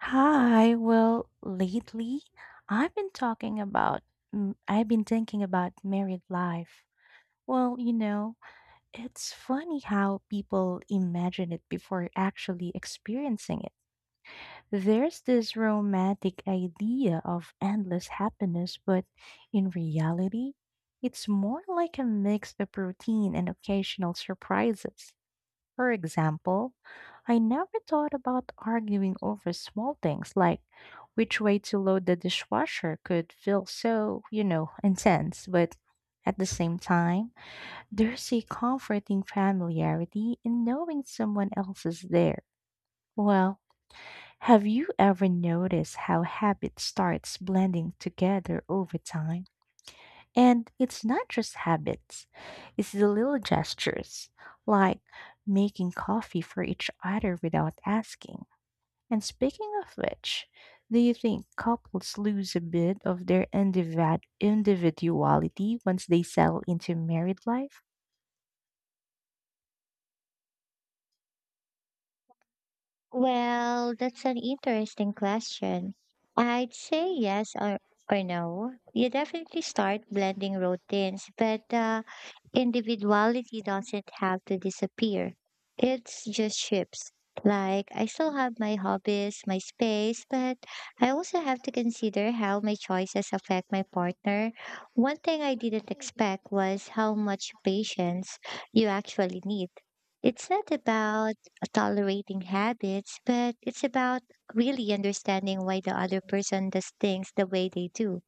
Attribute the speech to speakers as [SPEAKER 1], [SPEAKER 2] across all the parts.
[SPEAKER 1] Hi. Well, lately, I've been talking about, I've been thinking about married life. Well, it's funny how people imagine it before actually experiencing it. There's this romantic idea of endless happiness, but in reality, it's more like a mix of routine and occasional surprises. For example, I never thought about arguing over small things like which way to load the dishwasher could feel so, intense, but at the same time, there's a comforting familiarity in knowing someone else is there. Well, have you ever noticed how habit starts blending together over time? And it's not just habits, it's the little gestures, like making coffee for each other without asking. And speaking of which, do you think couples lose a bit of their individuality once they settle into married life?
[SPEAKER 2] Well, that's an interesting question. I'd say yes or no. You definitely start blending routines, but individuality doesn't have to disappear. It's just shifts. Like, I still have my hobbies, my space, but I also have to consider how my choices affect my partner. One thing I didn't expect was how much patience you actually need. It's not about tolerating habits, but it's about really understanding why the other person does things the way they do.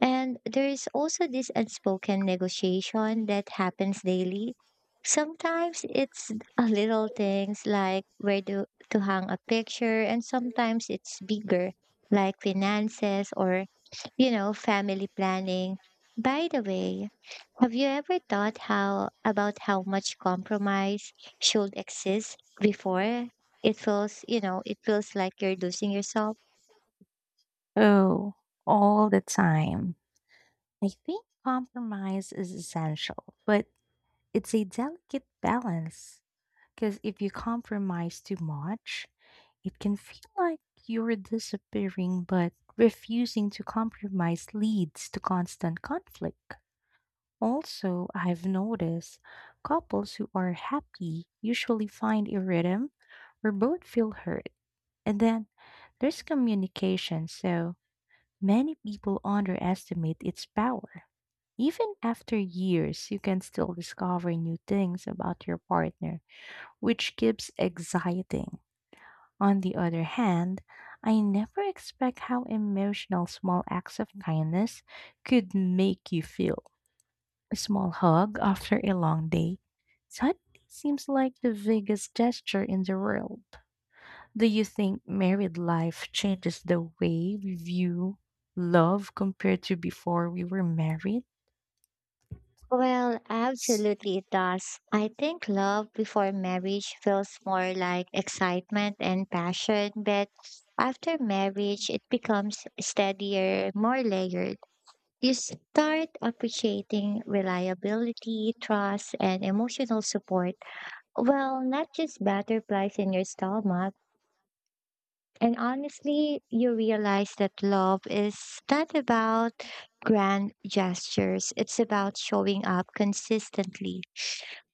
[SPEAKER 2] And there is also this unspoken negotiation that happens daily. Sometimes it's a little things like where to hang a picture, and sometimes it's bigger, like finances or, family planning. By the way, have you ever thought how about how much compromise should exist before it feels like you're losing yourself?
[SPEAKER 1] Oh, all the time. I think compromise is essential, but it's a delicate balance because if you compromise too much, it can feel like you're disappearing, but refusing to compromise leads to constant conflict. Also, I've noticed couples who are happy usually find a rhythm where both feel heard. And then there's communication, so many people underestimate its power. Even after years, you can still discover new things about your partner, which keeps exciting. On the other hand, I never expect how emotional small acts of kindness could make you feel. A small hug after a long day suddenly seems like the biggest gesture in the world. Do you think married life changes the way we view love compared to before we were married?
[SPEAKER 2] Well, absolutely it does. I think love before marriage feels more like excitement and passion, but after marriage, it becomes steadier, more layered. You start appreciating reliability, trust, and emotional support. Well, not just butterflies in your stomach. And honestly, you realize that love is not about grand gestures, it's about showing up consistently.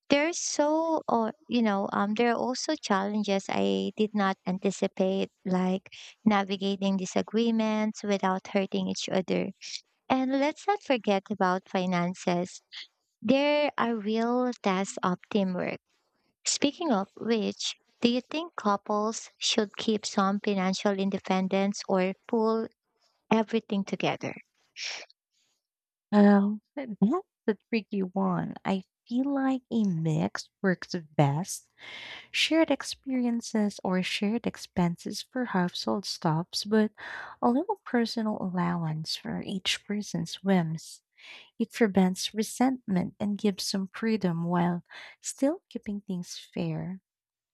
[SPEAKER 2] There's so, or you know, There are also challenges I did not anticipate, like navigating disagreements without hurting each other. And let's not forget about finances. There are real tests of teamwork. Speaking of which, do you think couples should keep some financial independence or pull everything together?
[SPEAKER 1] That's a tricky one. I feel like a mix works best, shared experiences or shared expenses for household stops, but a little personal allowance for each person's whims. It prevents resentment and gives some freedom while still keeping things fair.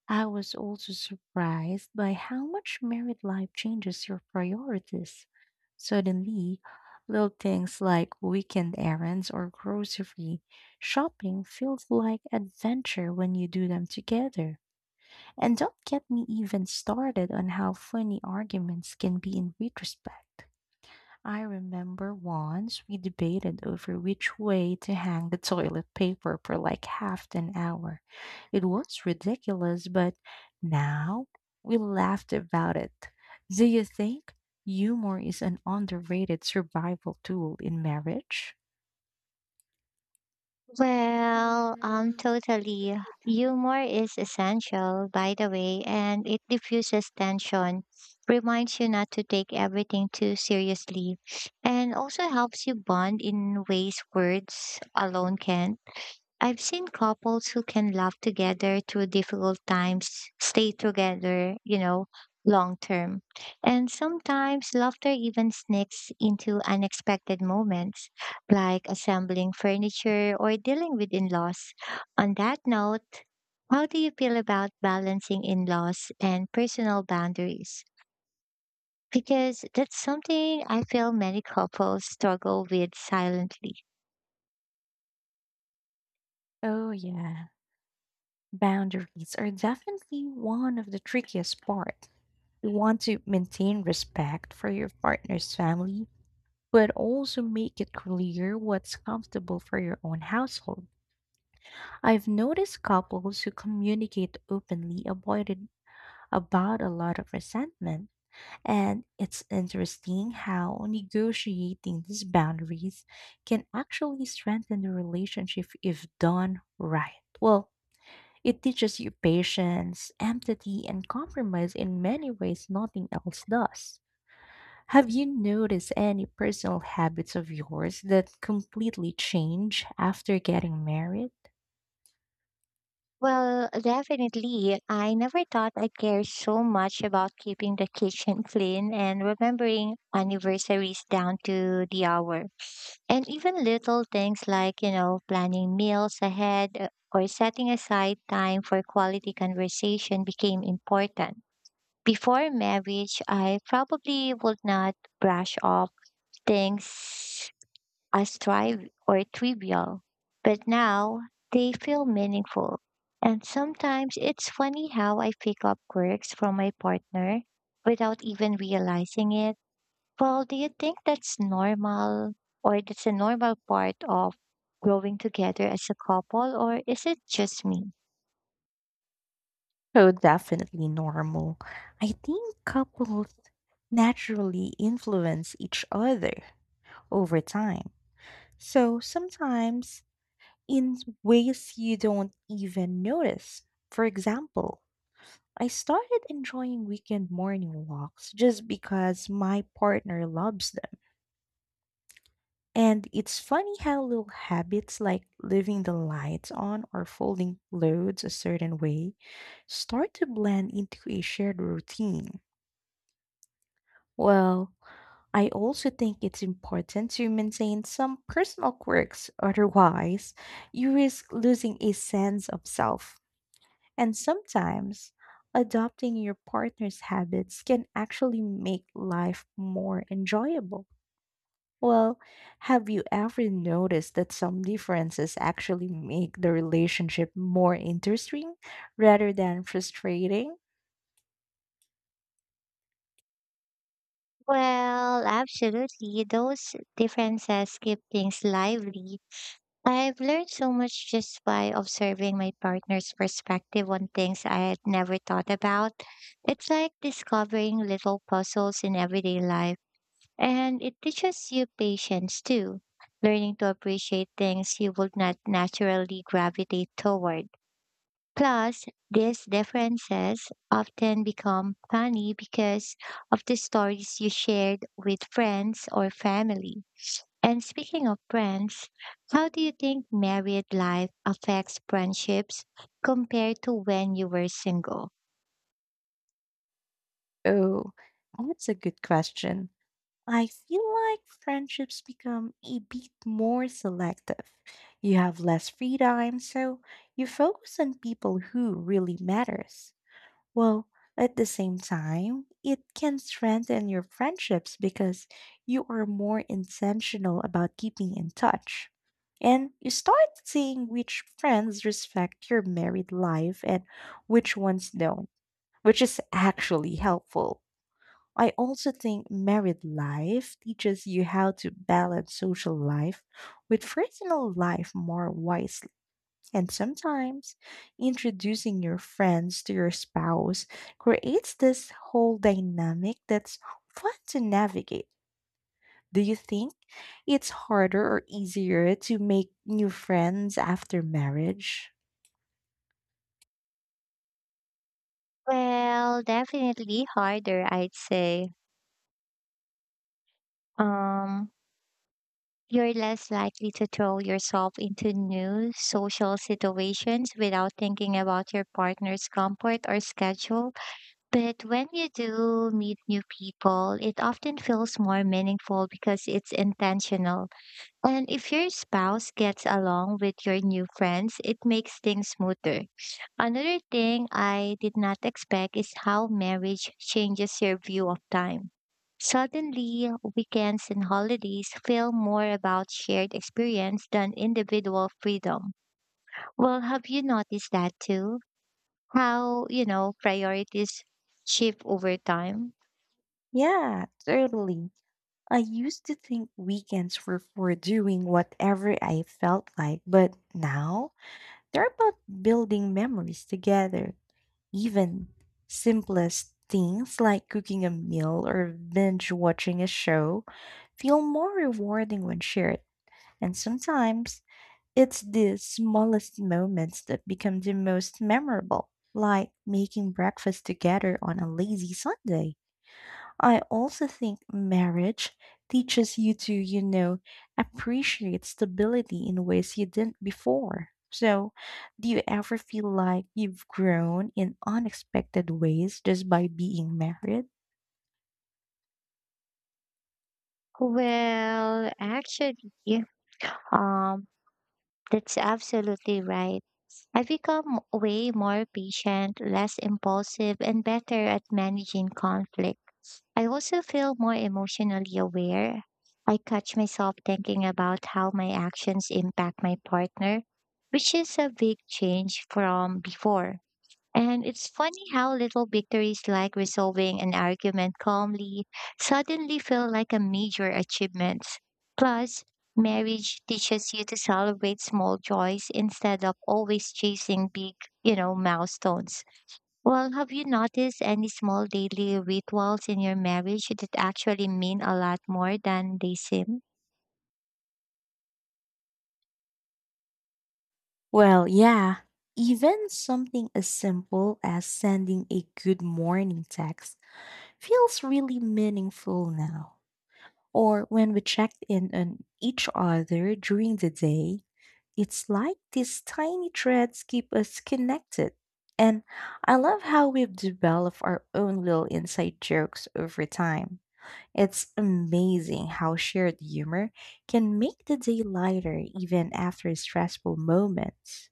[SPEAKER 1] I was also surprised by how much married life changes your priorities. Suddenly, little things like weekend errands or grocery shopping feels like adventure when you do them together. And don't get me even started on how funny arguments can be in retrospect. I remember once we debated over which way to hang the toilet paper for like half an hour. It was ridiculous, but now we laughed about it. Do you think humor is an underrated survival tool in marriage?
[SPEAKER 2] Well, totally. Humor is essential, by the way, and it diffuses tension, reminds you not to take everything too seriously, and also helps you bond in ways words alone can't. I've seen couples who can laugh together through difficult times, stay together, long term. And sometimes laughter even sneaks into unexpected moments, like assembling furniture or dealing with in laws. On that note, how do you feel about balancing in laws and personal boundaries? Because that's something I feel many couples struggle with silently.
[SPEAKER 1] Oh, yeah. Boundaries are definitely one of the trickiest parts. You want to maintain respect for your partner's family, but also make it clear what's comfortable for your own household. I've noticed couples who communicate openly avoided about a lot of resentment, and it's interesting how negotiating these boundaries can actually strengthen the relationship if done right. Well, it teaches you patience, empathy, and compromise in many ways nothing else does. Have you noticed any personal habits of yours that completely change after getting married?
[SPEAKER 2] Well, definitely. I never thought I'd care so much about keeping the kitchen clean and remembering anniversaries down to the hour. And even little things like, planning meals ahead or setting aside time for quality conversation became important. Before marriage, I probably would not brush off things as trivial, but now they feel meaningful. And sometimes it's funny how I pick up quirks from my partner without even realizing it. Well, do you think that's a normal part of growing together as a couple, or is it just me?
[SPEAKER 1] Oh, definitely normal. I think couples naturally influence each other over time. So sometimes in ways you don't even notice. For example, I started enjoying weekend morning walks just because my partner loves them. And it's funny how little habits like leaving the lights on or folding clothes a certain way start to blend into a shared routine. Well, I also think it's important to maintain some personal quirks, otherwise, you risk losing a sense of self. And sometimes, adopting your partner's habits can actually make life more enjoyable. Well, have you ever noticed that some differences actually make the relationship more interesting rather than frustrating?
[SPEAKER 2] Well, absolutely. Those differences keep things lively. I've learned so much just by observing my partner's perspective on things I had never thought about. It's like discovering little puzzles in everyday life, and it teaches you patience too, learning to appreciate things you would not naturally gravitate toward. Plus, these differences often become funny because of the stories you shared with friends or family. And speaking of friends, how do you think married life affects friendships compared to when you were single?
[SPEAKER 1] Oh, that's a good question. I feel like friendships become a bit more selective. You have less free time, so you focus on people who really matters. Well, at the same time, it can strengthen your friendships because you are more intentional about keeping in touch. And you start seeing which friends respect your married life and which ones don't, which is actually helpful. I also think married life teaches you how to balance social life with personal life more wisely. And sometimes introducing your friends to your spouse creates this whole dynamic that's fun to navigate. Do you think it's harder or easier to make new friends after marriage?
[SPEAKER 2] Well, definitely harder, I'd say. Um, you're less likely to throw yourself into new social situations without thinking about your partner's comfort or schedule. But when you do meet new people, it often feels more meaningful because it's intentional. And if your spouse gets along with your new friends, it makes things smoother. Another thing I did not expect is how marriage changes your view of time. Suddenly, weekends and holidays feel more about shared experience than individual freedom. Well, have you noticed that too? How, priorities shift over time?
[SPEAKER 1] Yeah, totally. I used to think weekends were for doing whatever I felt like, but now they're about building memories together. Even simplest things like cooking a meal or binge watching a show feel more rewarding when shared. And sometimes it's the smallest moments that become the most memorable, like making breakfast together on a lazy Sunday. I also think marriage teaches you to, appreciate stability in ways you didn't before. So, do you ever feel like you've grown in unexpected ways just by being married?
[SPEAKER 2] Well, actually, um, that's absolutely right. I've become way more patient, less impulsive, and better at managing conflict. I also feel more emotionally aware. I catch myself thinking about how my actions impact my partner, which is a big change from before. And it's funny how little victories like resolving an argument calmly suddenly feel like a major achievement. Plus, marriage teaches you to celebrate small joys instead of always chasing big milestones. Well, have you noticed any small daily rituals in your marriage that actually mean a lot more than they seem?
[SPEAKER 1] Well, yeah. Even something as simple as sending a good morning text feels really meaningful now. Or when we checked in on each other during the day, it's like these tiny threads keep us connected. And I love how we've developed our own little inside jokes over time. It's amazing how shared humor can make the day lighter even after stressful moments.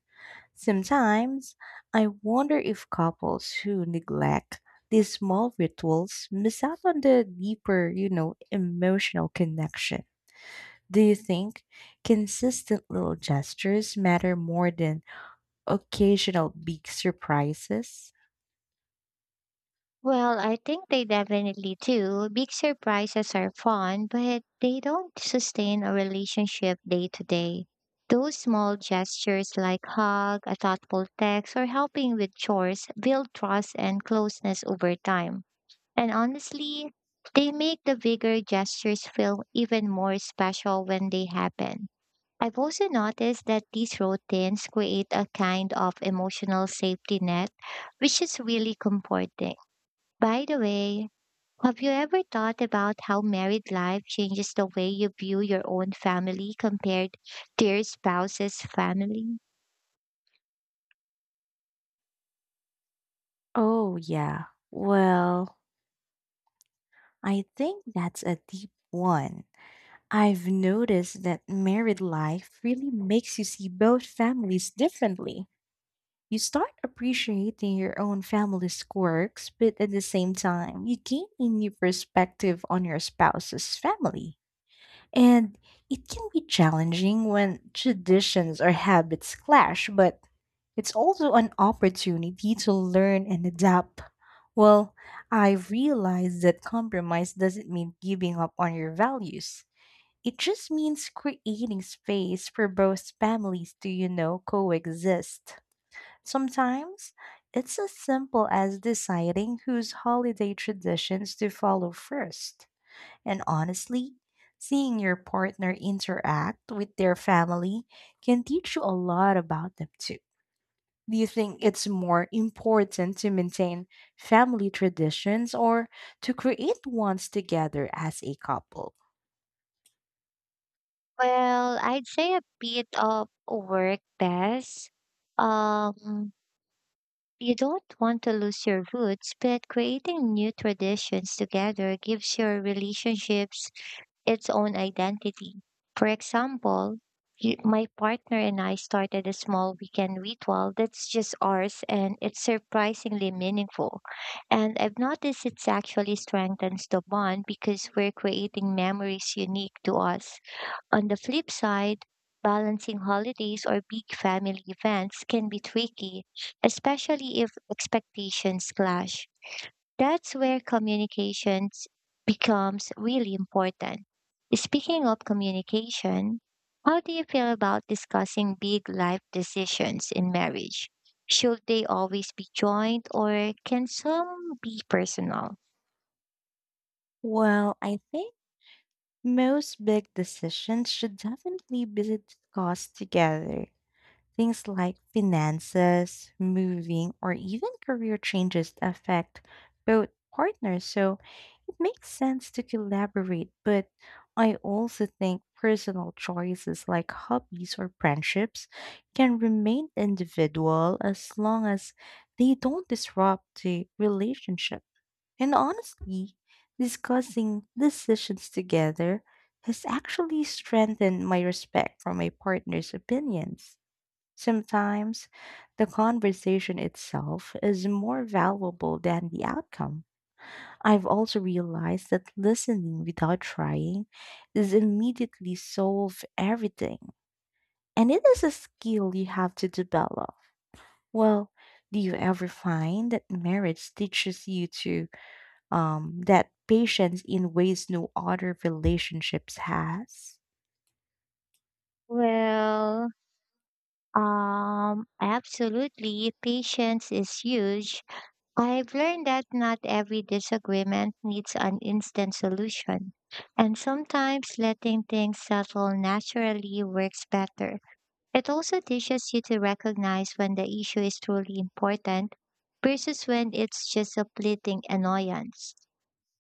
[SPEAKER 1] Sometimes I wonder if couples who neglect these small rituals miss out on the deeper, emotional connection. Do you think consistent little gestures matter more than occasional big surprises?
[SPEAKER 2] Well, I think they definitely do. Big surprises are fun, but they don't sustain a relationship day to day. Those small gestures like hug, a thoughtful text, or helping with chores build trust and closeness over time. And honestly, they make the bigger gestures feel even more special when they happen. I've also noticed that these routines create a kind of emotional safety net, which is really comforting. By the way, have you ever thought about how married life changes the way you view your own family compared to your spouse's family?
[SPEAKER 1] Oh, yeah. Well, I think that's a deep one. I've noticed that married life really makes you see both families differently. You start appreciating your own family's quirks, but at the same time, you gain a new perspective on your spouse's family. And it can be challenging when traditions or habits clash, but it's also an opportunity to learn and adapt. Well, I've realized that compromise doesn't mean giving up on your values. It just means creating space for both families to, coexist. Sometimes it's as simple as deciding whose holiday traditions to follow first. And honestly, seeing your partner interact with their family can teach you a lot about them too. Do you think it's more important to maintain family traditions or to create ones together as a couple?
[SPEAKER 2] Well, I'd say a bit of work best. Um, you don't want to lose your roots, but creating new traditions together gives your relationships its own identity. For example, my partner and I started a small weekend ritual that's just ours and it's surprisingly meaningful. And I've noticed it's actually strengthens the bond because we're creating memories unique to us. On the flip side, balancing holidays or big family events can be tricky, especially if expectations clash. That's where communications becomes really important. Speaking of communication, how do you feel about discussing big life decisions in marriage? Should they always be joint or can some be personal?
[SPEAKER 1] Well, I think most big decisions should definitely be discussed together. Things like finances, moving, or even career changes affect both partners. So it makes sense to collaborate. But I also think personal choices like hobbies or friendships can remain individual as long as they don't disrupt the relationship. And honestly, discussing decisions together has actually strengthened my respect for my partner's opinions. Sometimes the conversation itself is more valuable than the outcome. I've also realized that listening without trying is immediately solve everything. And it is a skill you have to develop. Well, do you ever find that marriage teaches you to that patience in ways no other relationships has?
[SPEAKER 2] Well, absolutely, patience is huge. I've learned that not every disagreement needs an instant solution, and sometimes letting things settle naturally works better. It also teaches you to recognize when the issue is truly important versus when it's just a fleeting annoyance.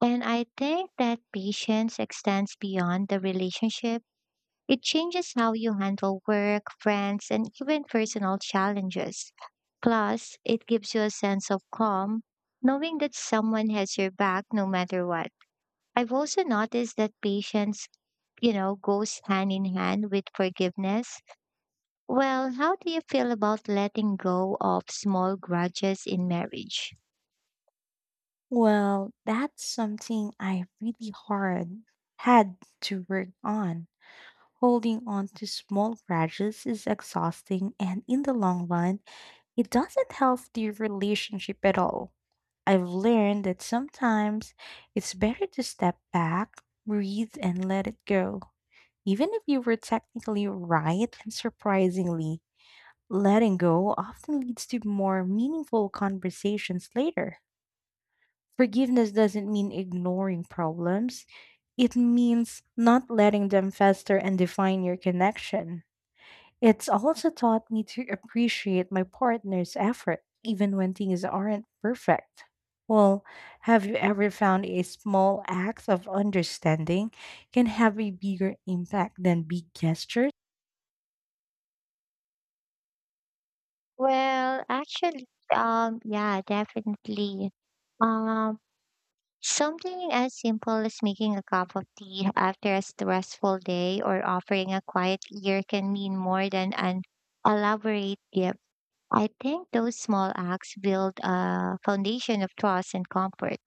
[SPEAKER 2] And I think that patience extends beyond the relationship. It changes how you handle work, friends, and even personal challenges. Plus, it gives you a sense of calm, knowing that someone has your back no matter what. I've also noticed that patience, goes hand in hand with forgiveness. Well, how do you feel about letting go of small grudges in marriage?
[SPEAKER 1] Well, that's something I really hard had to work on. Holding on to small grudges is exhausting, and in the long run, it doesn't help the relationship at all. I've learned that sometimes it's better to step back, breathe, and let it go. Even if you were technically right, and surprisingly, letting go often leads to more meaningful conversations later. Forgiveness doesn't mean ignoring problems, it means not letting them fester and define your connection. It's also taught me to appreciate my partner's effort, even when things aren't perfect. Well, have you ever found a small act of understanding can have a bigger impact than big gestures?
[SPEAKER 2] Well, actually, yeah, definitely. Um, Something as simple as making a cup of tea after a stressful day or offering a quiet ear can mean more than an elaborate gift. I think those small acts build a foundation of trust and comfort.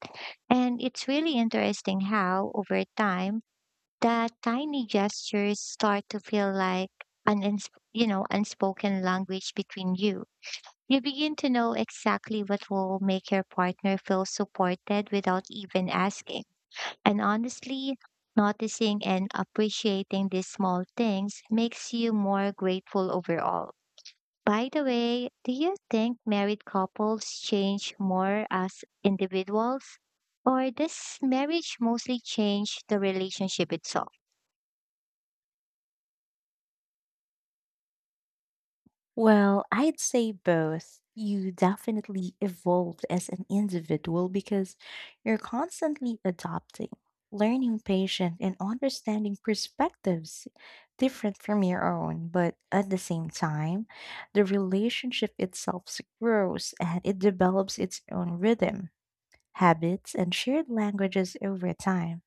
[SPEAKER 2] And it's really interesting how, over time, that tiny gestures start to feel like an unspoken language between you. You begin to know exactly what will make your partner feel supported without even asking. And honestly, noticing and appreciating these small things makes you more grateful overall. By the way, do you think married couples change more as individuals? Or does marriage mostly change the relationship itself?
[SPEAKER 1] Well, I'd say both. You definitely evolve as an individual because you're constantly adopting, learning patient, and understanding perspectives different from your own. But at the same time, the relationship itself grows and it develops its own rhythm, habits, and shared languages over time.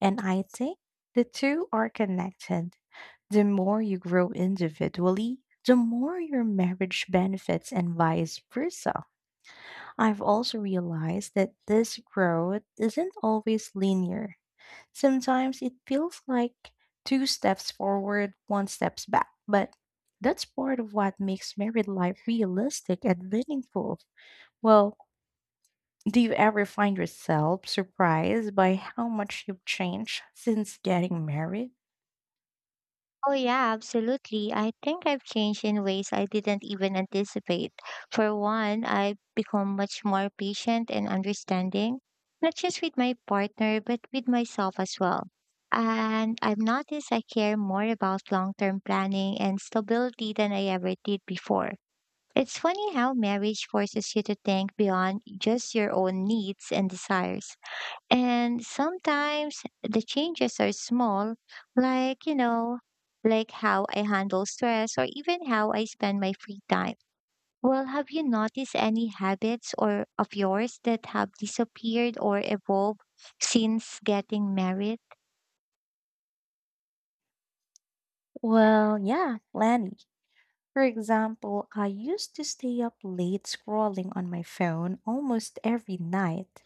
[SPEAKER 1] And I think the two are connected. The more you grow individually, the more your marriage benefits and vice versa. I've also realized that this growth isn't always linear. Sometimes it feels like two steps forward, one steps back, but that's part of what makes married life realistic and meaningful. Well, do you ever find yourself surprised by how much you've changed since getting married?
[SPEAKER 2] Oh, yeah, absolutely. I think I've changed in ways I didn't even anticipate. For one, I've become much more patient and understanding, not just with my partner, but with myself as well. And I've noticed I care more about long term planning and stability than I ever did before. It's funny how marriage forces you to think beyond just your own needs and desires. And sometimes the changes are small, like, you know, like how I handle stress or even how I spend my free time. Well, have you noticed any habits or of yours that have disappeared or evolved since getting married?
[SPEAKER 1] Well, yeah, plenty. For example, I used to stay up late scrolling on my phone almost every night.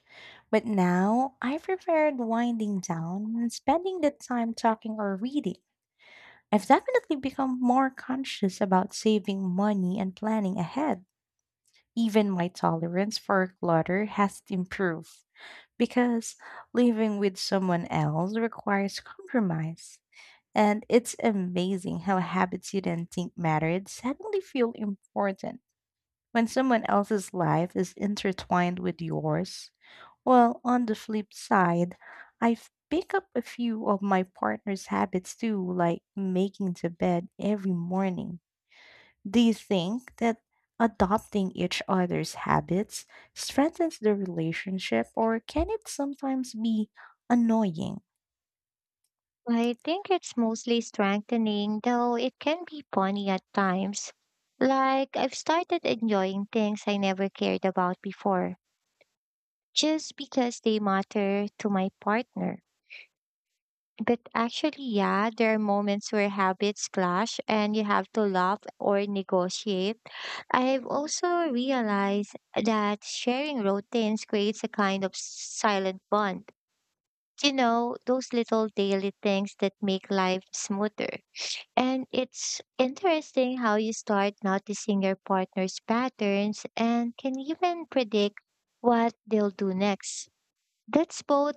[SPEAKER 1] But now I preferred winding down and spending the time talking or reading. I've definitely become more conscious about saving money and planning ahead. Even my tolerance for clutter has improved because living with someone else requires compromise. And it's amazing how habits you didn't think mattered suddenly feel important when someone else's life is intertwined with yours. Well, on the flip side, I've picked up a few of my partner's habits too, like making the bed every morning. Do you think that adopting each other's habits strengthens the relationship, or can it sometimes be annoying?
[SPEAKER 2] I think it's mostly strengthening, though it can be funny at times. Like I've started enjoying things I never cared about before, just because they matter to my partner. But actually, yeah, there are moments where habits clash and you have to laugh or negotiate. I've also realized that sharing routines creates a kind of silent bond. You know, those little daily things that make life smoother. And it's interesting how you start noticing your partner's patterns and can even predict what they'll do next. That's both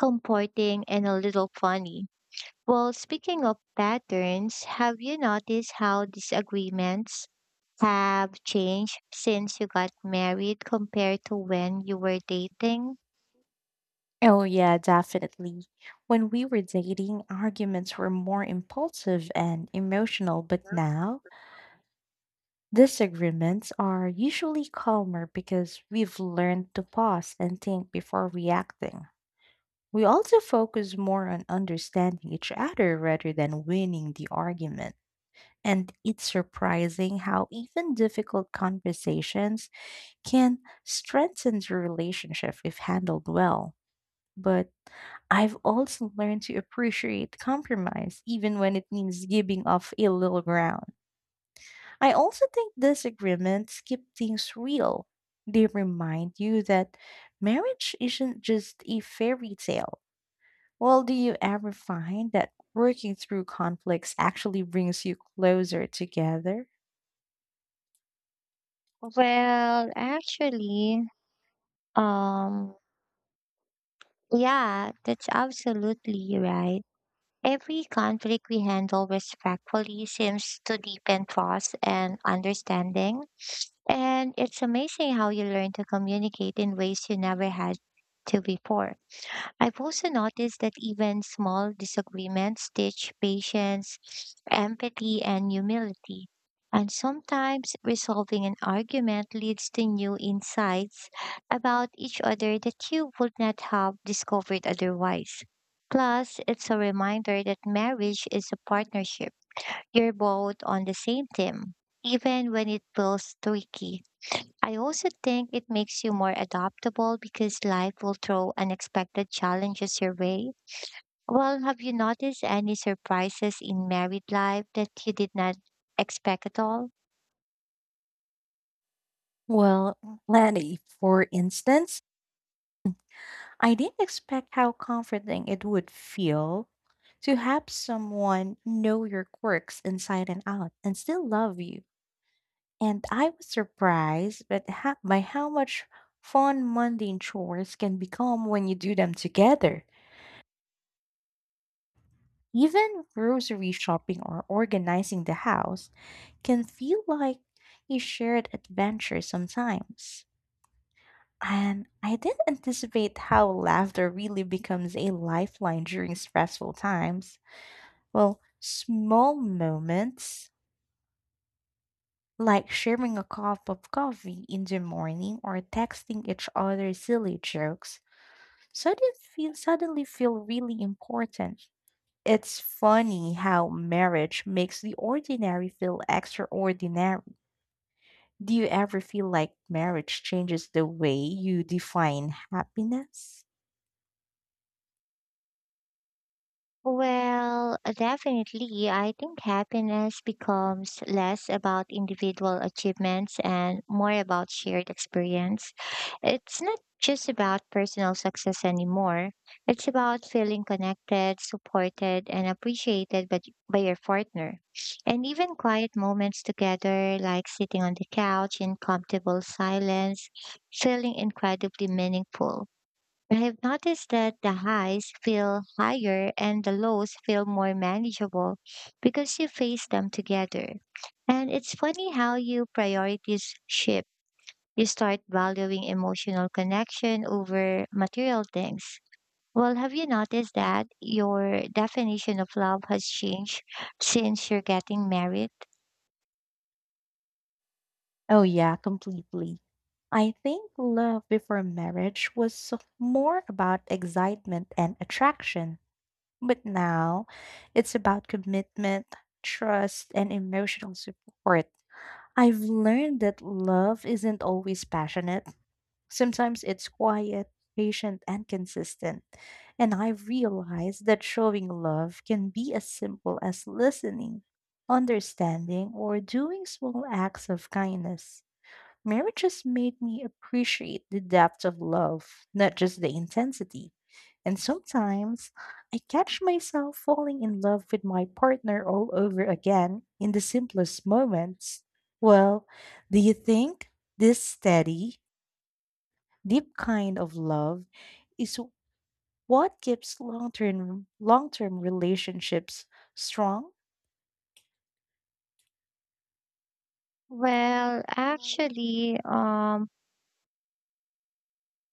[SPEAKER 2] comforting and a little funny. Well, speaking of patterns, have you noticed how disagreements have changed since you got married compared to when you were dating?
[SPEAKER 1] Oh, yeah, definitely. When we were dating, arguments were more impulsive and emotional, but now disagreements are usually calmer because we've learned to pause and think before reacting. We also focus more on understanding each other rather than winning the argument. And it's surprising how even difficult conversations can strengthen the relationship if handled well. But I've also learned to appreciate compromise, even when it means giving up a little ground. I also think disagreements keep things real. They remind you that marriage isn't just a fairy tale. Well, do you ever find that working through conflicts actually brings you closer together?
[SPEAKER 2] Well, actually, um, yeah, that's absolutely right. Every conflict we handle respectfully seems to deepen trust and understanding. And it's amazing how you learn to communicate in ways you never had to before. I've also noticed that even small disagreements teach patience, empathy, and humility. And sometimes resolving an argument leads to new insights about each other that you would not have discovered otherwise. Plus, it's a reminder that marriage is a partnership. You're both on the same team, even when it feels tricky. I also think it makes you more adaptable because life will throw unexpected challenges your way. Well, have you noticed any surprises in married life that you did not expect at all?
[SPEAKER 1] Well, Lenny, for instance, I didn't expect how comforting it would feel to have someone know your quirks inside and out and still love you. And I was surprised by how much fun mundane chores can become when you do them together. Even grocery shopping or organizing the house can feel like a shared adventure sometimes. And I didn't anticipate how laughter really becomes a lifeline during stressful times. Well, small moments like sharing a cup of coffee in the morning or texting each other silly jokes suddenly feel really important. It's funny how marriage makes the ordinary feel extraordinary. Do you ever feel like marriage changes the way you define happiness?
[SPEAKER 2] Well, definitely. I think happiness becomes less about individual achievements and more about shared experience. It's not just about personal success anymore. It's about feeling connected, supported, and appreciated by your partner. And even quiet moments together, like sitting on the couch in comfortable silence, feeling incredibly meaningful. I have noticed that the highs feel higher and the lows feel more manageable because you face them together. And it's funny how your priorities shift. You start valuing emotional connection over material things. Well, have you noticed that your definition of love has changed since you're getting married?
[SPEAKER 1] Oh, yeah, completely. I think love before marriage was more about excitement and attraction. But now it's about commitment, trust, and emotional support. I've learned that love isn't always passionate. Sometimes it's quiet, patient, and consistent. And I realized that showing love can be as simple as listening, understanding, or doing small acts of kindness. Marriage has made me appreciate the depth of love, not just the intensity. And sometimes I catch myself falling in love with my partner all over again in the simplest moments. Well, do you think this steady, deep kind of love is what keeps long-term relationships strong?
[SPEAKER 2] Well, actually,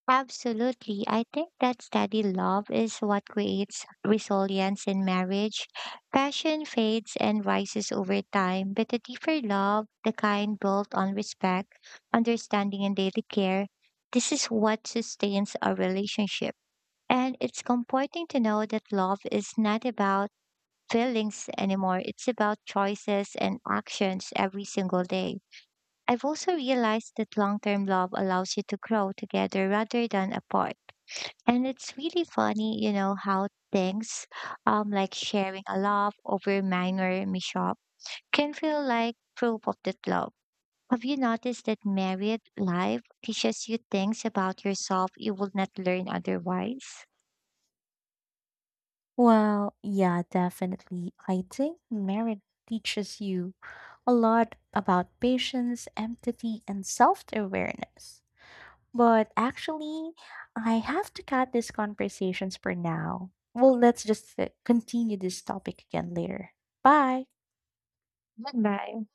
[SPEAKER 2] absolutely. I think that steady love is what creates resilience in marriage. Passion fades and rises over time, but the deeper love, the kind built on respect, understanding, and daily care, this is what sustains a relationship. And it's comforting to know that love is not about feelings anymore, it's about choices and actions every single day. I've also realized that long term love allows you to grow together rather than apart. And it's really funny, how things like sharing a laugh over minor mishap can feel like proof of that love. Have you noticed that married life teaches you things about yourself you would not learn otherwise?
[SPEAKER 1] Well, yeah, definitely. I think marriage teaches you a lot about patience, empathy, and self awareness. But actually, I have to cut these conversations for now. Well, let's just continue this topic again later. Bye.
[SPEAKER 2] Goodbye.